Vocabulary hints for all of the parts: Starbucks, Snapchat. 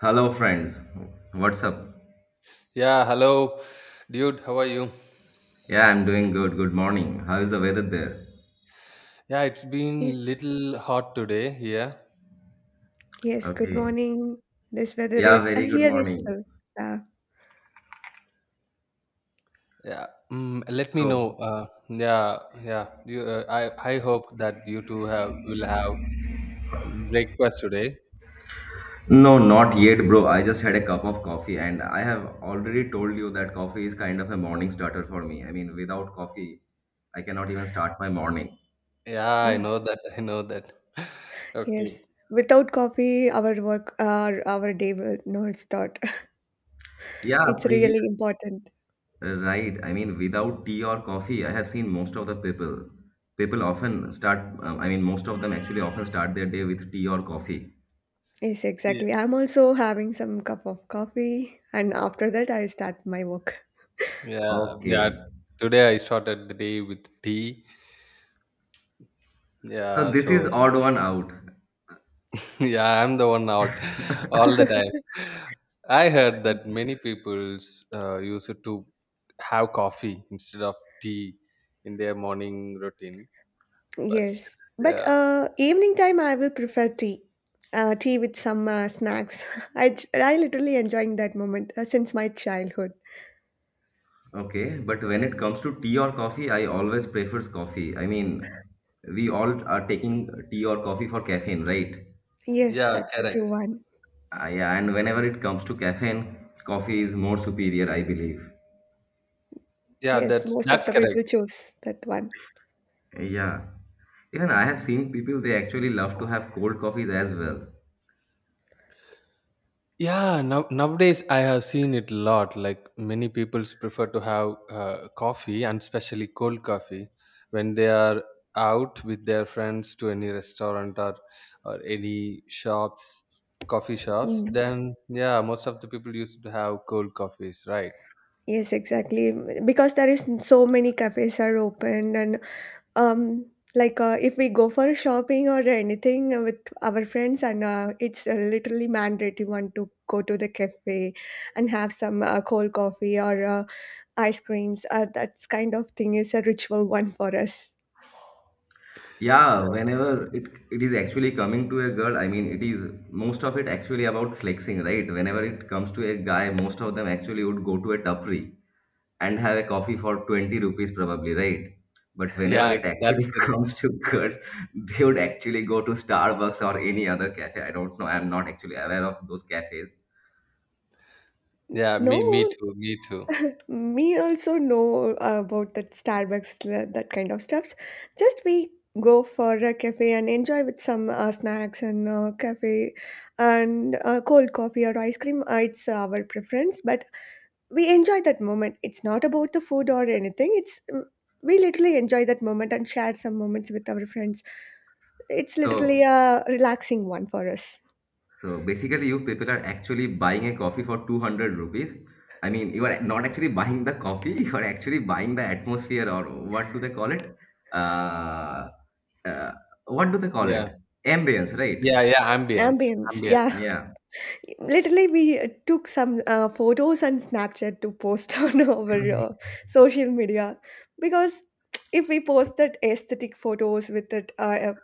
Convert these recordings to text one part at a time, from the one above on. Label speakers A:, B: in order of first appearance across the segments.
A: Hello, friends. What's up?
B: Yeah, hello, dude. How are you?
A: Yeah, I'm doing good. Good morning. How is the weather there?
B: Yeah, it's
C: Y-
B: been little hot today here.
C: Yes, good
A: Okay.
C: morning. This weather
B: Yeah,
A: Yeah,
C: is
A: very good
C: here is
A: morning.
C: still. Uh,
B: yeah. Mm, let me know.
A: So,
B: Yeah, yeah. I hope that you two have will have breakfast today.
A: no, not yet, bro. I just had a cup of coffee, and I have already told you that coffee is kind of a morning starter for me. I mean, without coffee, I cannot even start my morning.
B: Yeah, I
C: oh,
B: know that. I know that.
C: yes.
B: Okay.
C: Without coffee, our work, our day will not start.
A: Yeah,
C: It's
A: previous,
C: really important.
A: right. I mean, without tea or coffee, I have seen most of the people. People often start, I mean, most of them actually often start their day with tea or coffee.
C: Yes,
B: Yeah,
C: exactly. I'm also having some cup of coffee, and after that, I start my work.
B: yeah, yeah.
A: Okay.
B: Today I started the day with tea.
A: So
B: Yeah,
A: this is
B: so
A: odd one out.
B: Yeah, I'm the one out all the time. I heard that many people use it to have coffee instead of tea in their morning routine. But
C: Yes,
B: still,
C: but
B: yeah,
C: evening time I will prefer tea. Tea with some snacks. I literally enjoying that moment since my childhood.
A: Okay, but when it comes to tea or coffee, I always prefers coffee. I mean, we all are taking tea or coffee for caffeine, right?
C: Yes,
B: yeah,
C: that's a true
B: correct.
C: one.
A: Yeah, and whenever it comes to caffeine, coffee is more superior, I believe.
B: Yeah,
C: Yes,
B: that's
C: most of
B: that's
C: the
B: correct.
C: people choose that one.
A: Yeah. Even I have seen people they actually love to have cold coffees as well.
B: Yeah, nowadays I have seen it a lot. Like many people prefer to have coffee and especially cold coffee when they are out with their friends to any restaurant or any shops, coffee shops.
C: Mm.
B: Then yeah, most of the people used to have cold coffees, right?
C: Yes, exactly. Because there is so many cafes are opened and um if we go for shopping or anything with our friends and it's literally mandatory one to go to the cafe and have some cold coffee or ice creams. That's kind of thing is a ritual one for us.
A: Yeah,
B: That-
A: whenever it is actually coming to a girl, I mean, it is most of it actually about flexing, right? Whenever it comes to a guy, most of them actually would go to a tapri and have a coffee for 20 rupees probably, right? But whenever
B: yeah,
A: it actually
B: that's correct.
A: comes to girls, they would actually go to Starbucks or any other cafe. I don't know. I'm not actually aware of those cafes.
B: Yeah, me
C: No,
B: too, me too.
C: me also know about that Starbucks, that kind of stuffs. Just we go for a cafe and enjoy with some snacks and cafe and cold coffee or ice cream. It's our preference, but we enjoy that moment. It's not about the food or anything. We literally enjoy that moment and share some moments with our friends. It's literally
A: So,
C: a relaxing one for us.
A: so basically, you people are actually buying a coffee for 200 rupees. I mean, you are not actually buying the coffee, you are actually buying the atmosphere or what do they call it? Uh, uh, what do they call it?
B: Yeah,
A: Ambience, right?
B: yeah, yeah. Ambient,
C: Ambience,
B: ambient.
C: yeah.
A: Yeah.
C: Literally, we took some photos on Snapchat to post on our social media because if we post that aesthetic photos with that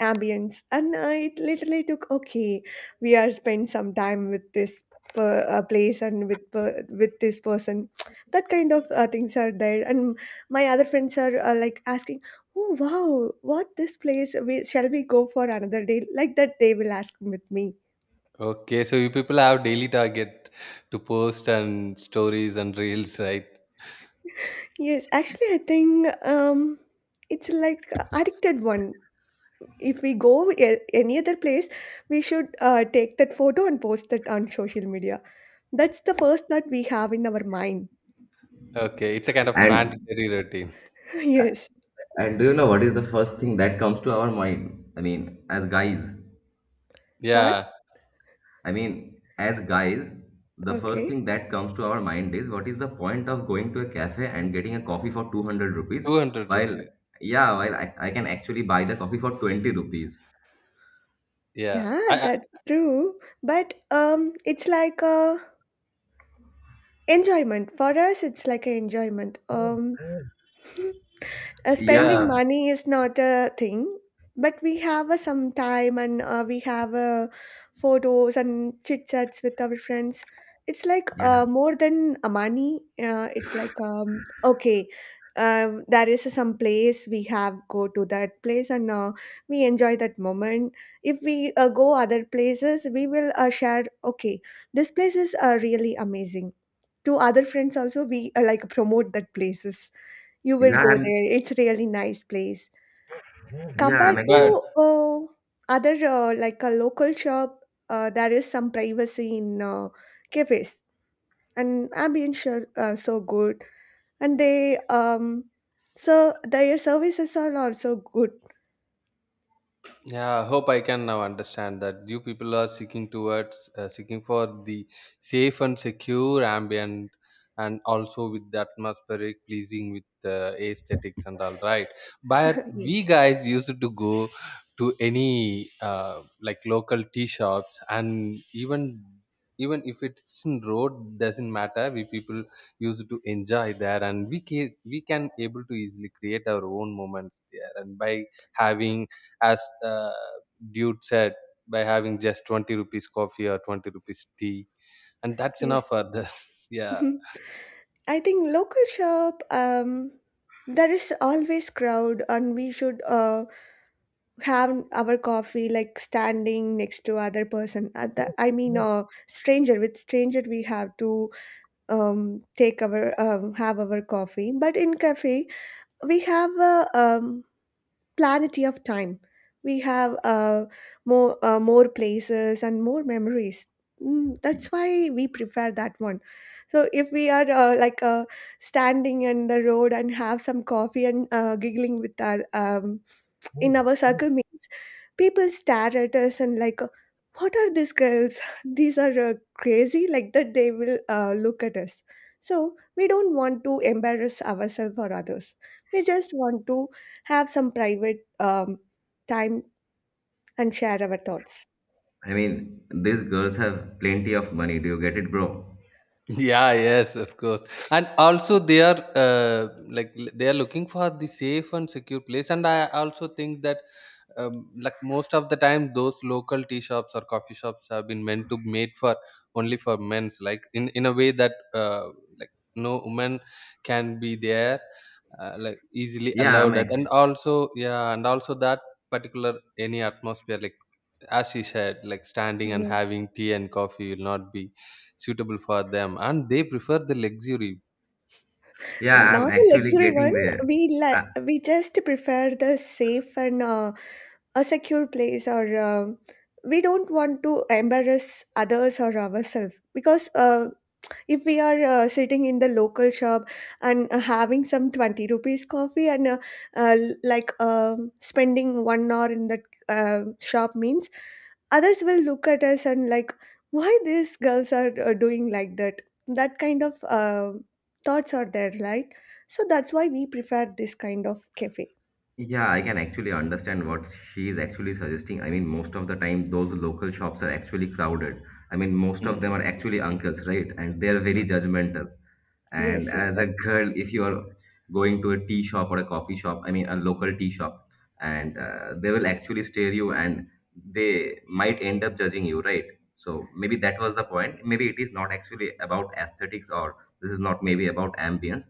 C: ambience, and it literally took okay, we are spend some time with this place and with with this person. That kind of things are there, and my other friends are like asking, "Oh wow, what this place? We, shall we go for another day?" Like that, they will ask with me.
B: Okay, so you people have daily target to post and stories and reels, right?
C: Yes, actually, I think it's like addicted one. If we go any other place, we should take that photo and post it on social media. That's the first thought we have in our mind.
B: Okay, it's a kind of
A: And
B: mandatory routine.
C: Yes.
A: And do you know what is the first thing that comes to our mind? I mean, as guys,
C: What?
B: Yeah,
A: I mean, as guys, the first
C: Okay.
A: thing that comes to our mind is what is the point of going to a cafe and getting a coffee for 200 rupees
B: 200
A: while,
B: rupees.
A: yeah, while I can actually buy the coffee for 20 rupees.
B: Yeah,
C: Yeah,
B: I, I,
C: that's true. But it's like a enjoyment for us. It's like a enjoyment.
B: yeah,
C: Spending
A: Yeah,
C: money is not a thing but we have a some time and we have photos and chit chats with our friends. It's like
A: yeah,
C: more than a money. It's like okay, there is some place we have go to that place and we enjoy that moment. If we go other places we will share okay this place is really amazing. To other friends also we like promote that places. You will
A: yeah,
C: go
A: I'm,
C: there. It's really nice place.
A: yeah,
C: Compared
A: I'm
C: to
A: actually,
B: but
C: other like a local shop, there is some privacy in cafes and ambience are so good. And they so their services are also good.
B: yeah, I hope I can now understand that you people are seeking towards seeking for the safe and secure ambient and also with the atmospheric pleasing with aesthetics and all right. But we
C: Yes.
B: guys used to go to any like local tea shops and even even if it's in road doesn't matter we people used to enjoy there and we can able to easily create our own moments there and by having as dude said by having just 20 rupees coffee or 20 rupees tea and that's enough
C: Yes.
B: for this yeah
C: I think local shop, there is always crowd and we should have our coffee like standing next to other person at the, I mean stranger with stranger. We have to take our have our coffee but in cafe we have a plenty of time. We have more places and more memories. Mm, that's why we prefer that one. So if we are standing in the road and have some coffee and giggling with our in our circle means people stare at us and like what are these girls, these are crazy, like that they will look at us. So we don't want to embarrass ourselves or others. We just want to have some private time and share our thoughts.
A: I mean, these girls have plenty of money. Do you get it, bro?
B: yeah yes of course and also they are like they are looking for the safe and secure place and I also think that like most of the time those local tea shops or coffee shops have been meant to made for only for men's like in a way that like no woman can be there like easily
A: Yeah, I'm
B: allowed at and
A: actually,
B: also yeah and also that particular any atmosphere like as she said like standing and
C: Yes,
B: having tea and coffee will not be suitable for them and they prefer the luxury.
A: yeah,
C: not
A: I'm
C: a
A: actually
C: luxury one.
A: getting there.
C: We just prefer the safe and a secure place, or we don't want to embarrass others or ourselves because if we are sitting in the local shop and having some 20 rupees coffee and uh, spending 1 hour in that uh, shop means others will look at us and like why these girls are doing like that. That kind of thoughts are there, right? So that's why we prefer this kind of cafe.
A: Yeah, I can actually understand what she is actually suggesting. I mean, most of the time, those local shops are actually crowded. I mean, most
C: Mm.
A: of them are
B: Mm.
A: actually uncles, right? And they're very judgmental. And
C: Yes,
A: as a
C: exactly.
A: girl, if you are going to a tea shop or a coffee shop, I mean, a local tea shop, and they will actually stare you and they might end up judging you, right? So maybe that was the point. Maybe it is not actually about aesthetics or this is not maybe about ambience.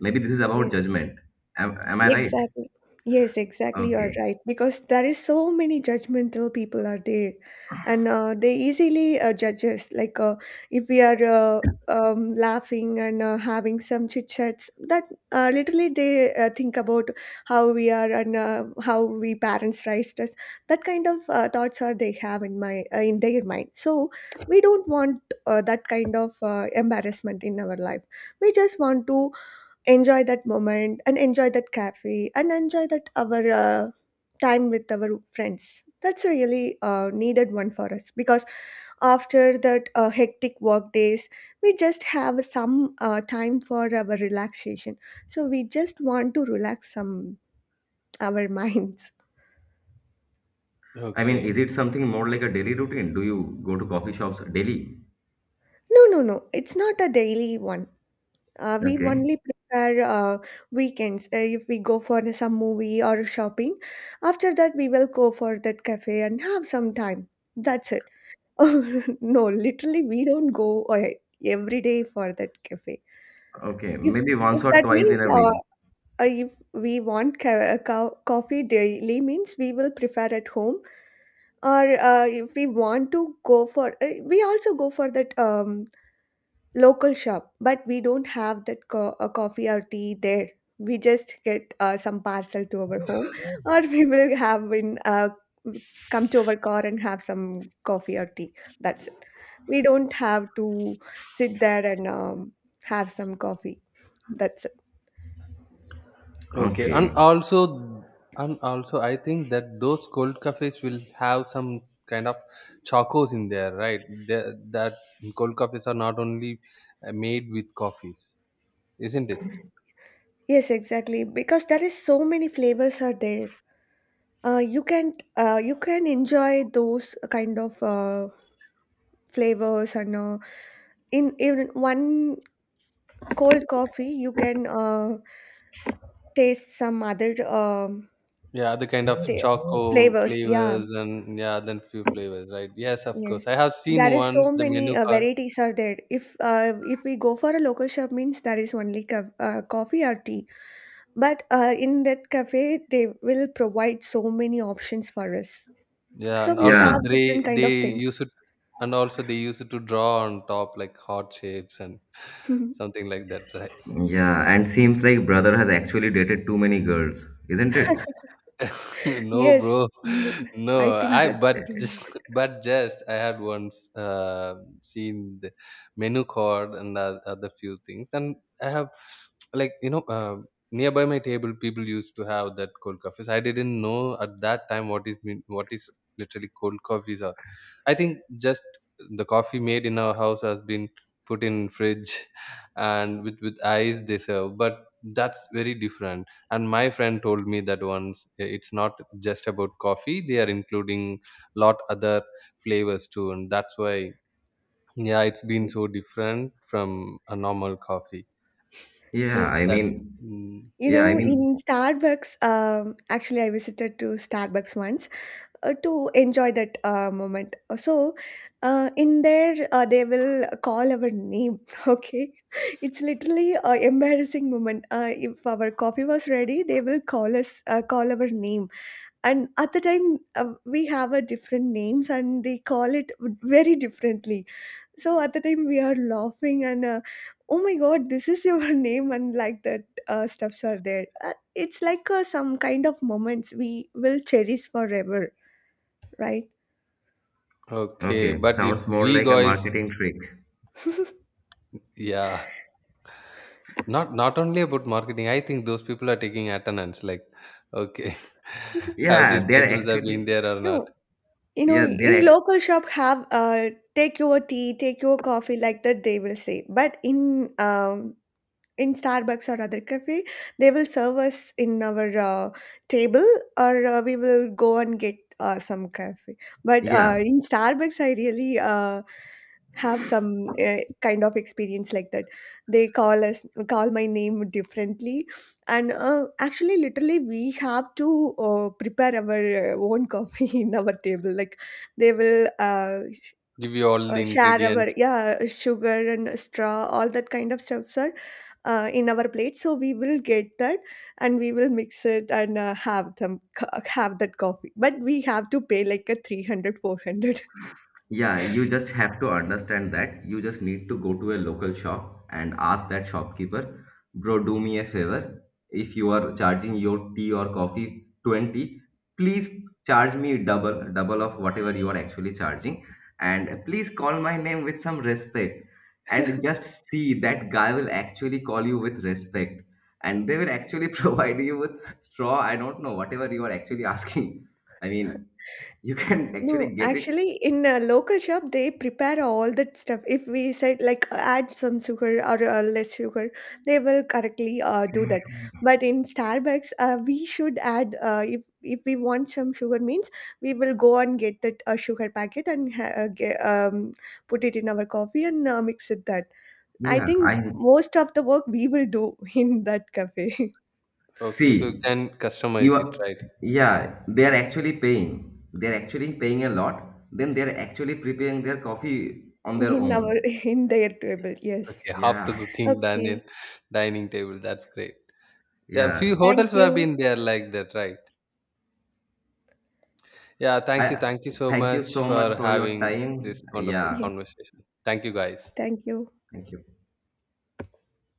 A: Maybe this is about
C: Yes.
A: judgment. Am I right?
C: Exactly. Yes, exactly. You're
A: Okay.
C: right. Because there is so many judgmental people are there, and they easily judge us. Like if we are laughing and having some chit chats, that literally they think about how we are and how we parents raised us. That kind of thoughts are they have in their mind. So we don't want that kind of embarrassment in our life. We just want to enjoy that moment and enjoy that cafe and enjoy that our time with our friends. That's really needed one for us because after that hectic work days we just have some time for our relaxation. So we just want to relax some our minds.
A: I mean,
B: Okay.
A: is it something more like a daily routine? Do you go to coffee shops daily?
C: No, no, no, it's not a daily one. We
A: Okay,
C: only prepare weekends, if we go for some movie or shopping. After that, we will go for that cafe and have some time. That's it. No, literally, we don't go every day for that cafe.
A: okay,
C: If
A: maybe once or
C: that
A: twice in
C: means
A: a week.
C: if we want coffee daily means we will prepare at home, or if we want to go for we also go for that local shop, but we don't have that coffee or tea there. We just get some parcel to our home, or we will have in come to our car and have some coffee or tea. That's it. We don't have to sit there and have some coffee. That's it.
B: Okay,
A: Okay,
B: and also, I think that those cold cafes will have some kind of chocos in there, right? The, that cold cafes are not only made with coffees, isn't it?
C: Yes, exactly. Because there is so many flavors are there. You can you can enjoy those kind of flavors and in even one cold coffee, you can taste some other
B: Yeah, the kind
C: ta
B: of choco
C: flavors. Yeah,
B: flavors and yeah, then few flavors, right? Yes, of
C: yes.
B: course. I have
C: There
B: seen
C: is
B: once
C: so
B: the
C: many
B: menu card.
C: varieties are there. If we go for a local shop, means there is only coffee or tea. But in that cafe, they will provide so many options for us.
B: Yeah,
C: So
B: and
C: we
B: also
A: yeah,
C: have
B: they
C: different kind
B: they
C: of things.
B: use it, and also they use it to draw on top like heart shapes and something like that, right?
A: yeah, and seems like brother has actually dated too many girls, isn't it?
B: No, bro.
C: Yes, n-
B: No,
C: I think
B: I
C: that's
B: but
C: the reason.
B: but just I had once uh, seen the menu card and the other few things and I have like nearby my table people used to have that cold coffees. I didn't know at that time what is literally cold coffees are. I think just the coffee made in our house has been put in fridge and with ice they serve, but that's very different. And my friend told me that once it's not just about coffee, they are including lot other flavors too, and that's why yeah it's been so different from a normal coffee.
A: Yeah,
C: Yes,
A: I
B: that's
A: mean,
B: mm,
C: you
A: yeah, I
C: know,
A: mean,
C: in Starbucks, actually, I visited to Starbucks once. To enjoy that moment. So, in there, they will call our name. Okay, it's literally a embarrassing moment. If our coffee was ready, they will call us, call our name, and at the time we have a different names, and they call it very differently. So at the time we are laughing and. Oh my god, this is your name, and like that stuffs are there. It's like some kind of moments we will cherish forever, right?
B: okay,
A: okay,
B: but if
A: sounds
B: we
A: more like a
B: guys
A: marketing trick.
B: yeah not not only about marketing, I think those people are taking attendance like, okay, have
A: Yeah,
B: these
A: they're
B: people have
A: actually,
B: been there or not,
C: No, you know,
A: yeah, they're,
C: in
A: act-
C: local shop have take your tea, take your coffee like that they will say. But in Starbucks or other cafe, they will serve us in our table, or we will go and get some coffee. But
A: yeah,
C: in Starbucks, I really have some kind of experience like that. They call us call my name differently, and actually, literally, we have to prepare our own coffee in our table. Like they will
B: give you all the
C: share our
B: ingredients.
C: yeah sugar and straw, all that kind of stuff, in our plate so we will get that and we will mix it and have them co- have that coffee but we have to pay like a 300, 400.
A: Yeah, you just have to understand that you just need to go to a local shop and ask that shopkeeper, bro, do me a favor. If you are charging your tea or coffee 20, please charge me double, double of whatever you are actually charging. And please call my name with some respect. And just see that guy will actually call you with respect. And they will actually provide you with straw. I don't know, whatever you are actually asking. I mean, you can
C: No,
A: actually get it.
C: actually, in a local shop, they prepare all that stuff. If we said like add some sugar or less sugar, they will correctly do that. But in Starbucks, we should add if we want some sugar means we will go and get that sugar packet and put it in our coffee and mix it that. I
A: Yeah,
C: think
A: I
C: most of the work we will do in that cafe
B: Okay, so you
A: See,
B: can
A: you
B: customize it,
A: are,
B: right?
A: yeah, they are actually paying. They're actually paying a lot. Then they're actually preparing their coffee on their
C: in our
A: own.
C: in their table. Yes.
B: Okay, half the
A: Yeah,
B: cooking done in
C: Okay.
B: dining table. That's great. Yeah, few
A: yeah.
B: hotels
C: Thank
B: have
C: you.
B: been there like that, right? Yeah, thank you.
A: I
B: Thank you so
A: Thank you
B: much
A: so much
B: for
A: for your
B: having
A: time.
B: this wonderful
A: Yeah,
C: Yes.
B: conversation. Thank you, guys.
C: Thank you.
A: thank you.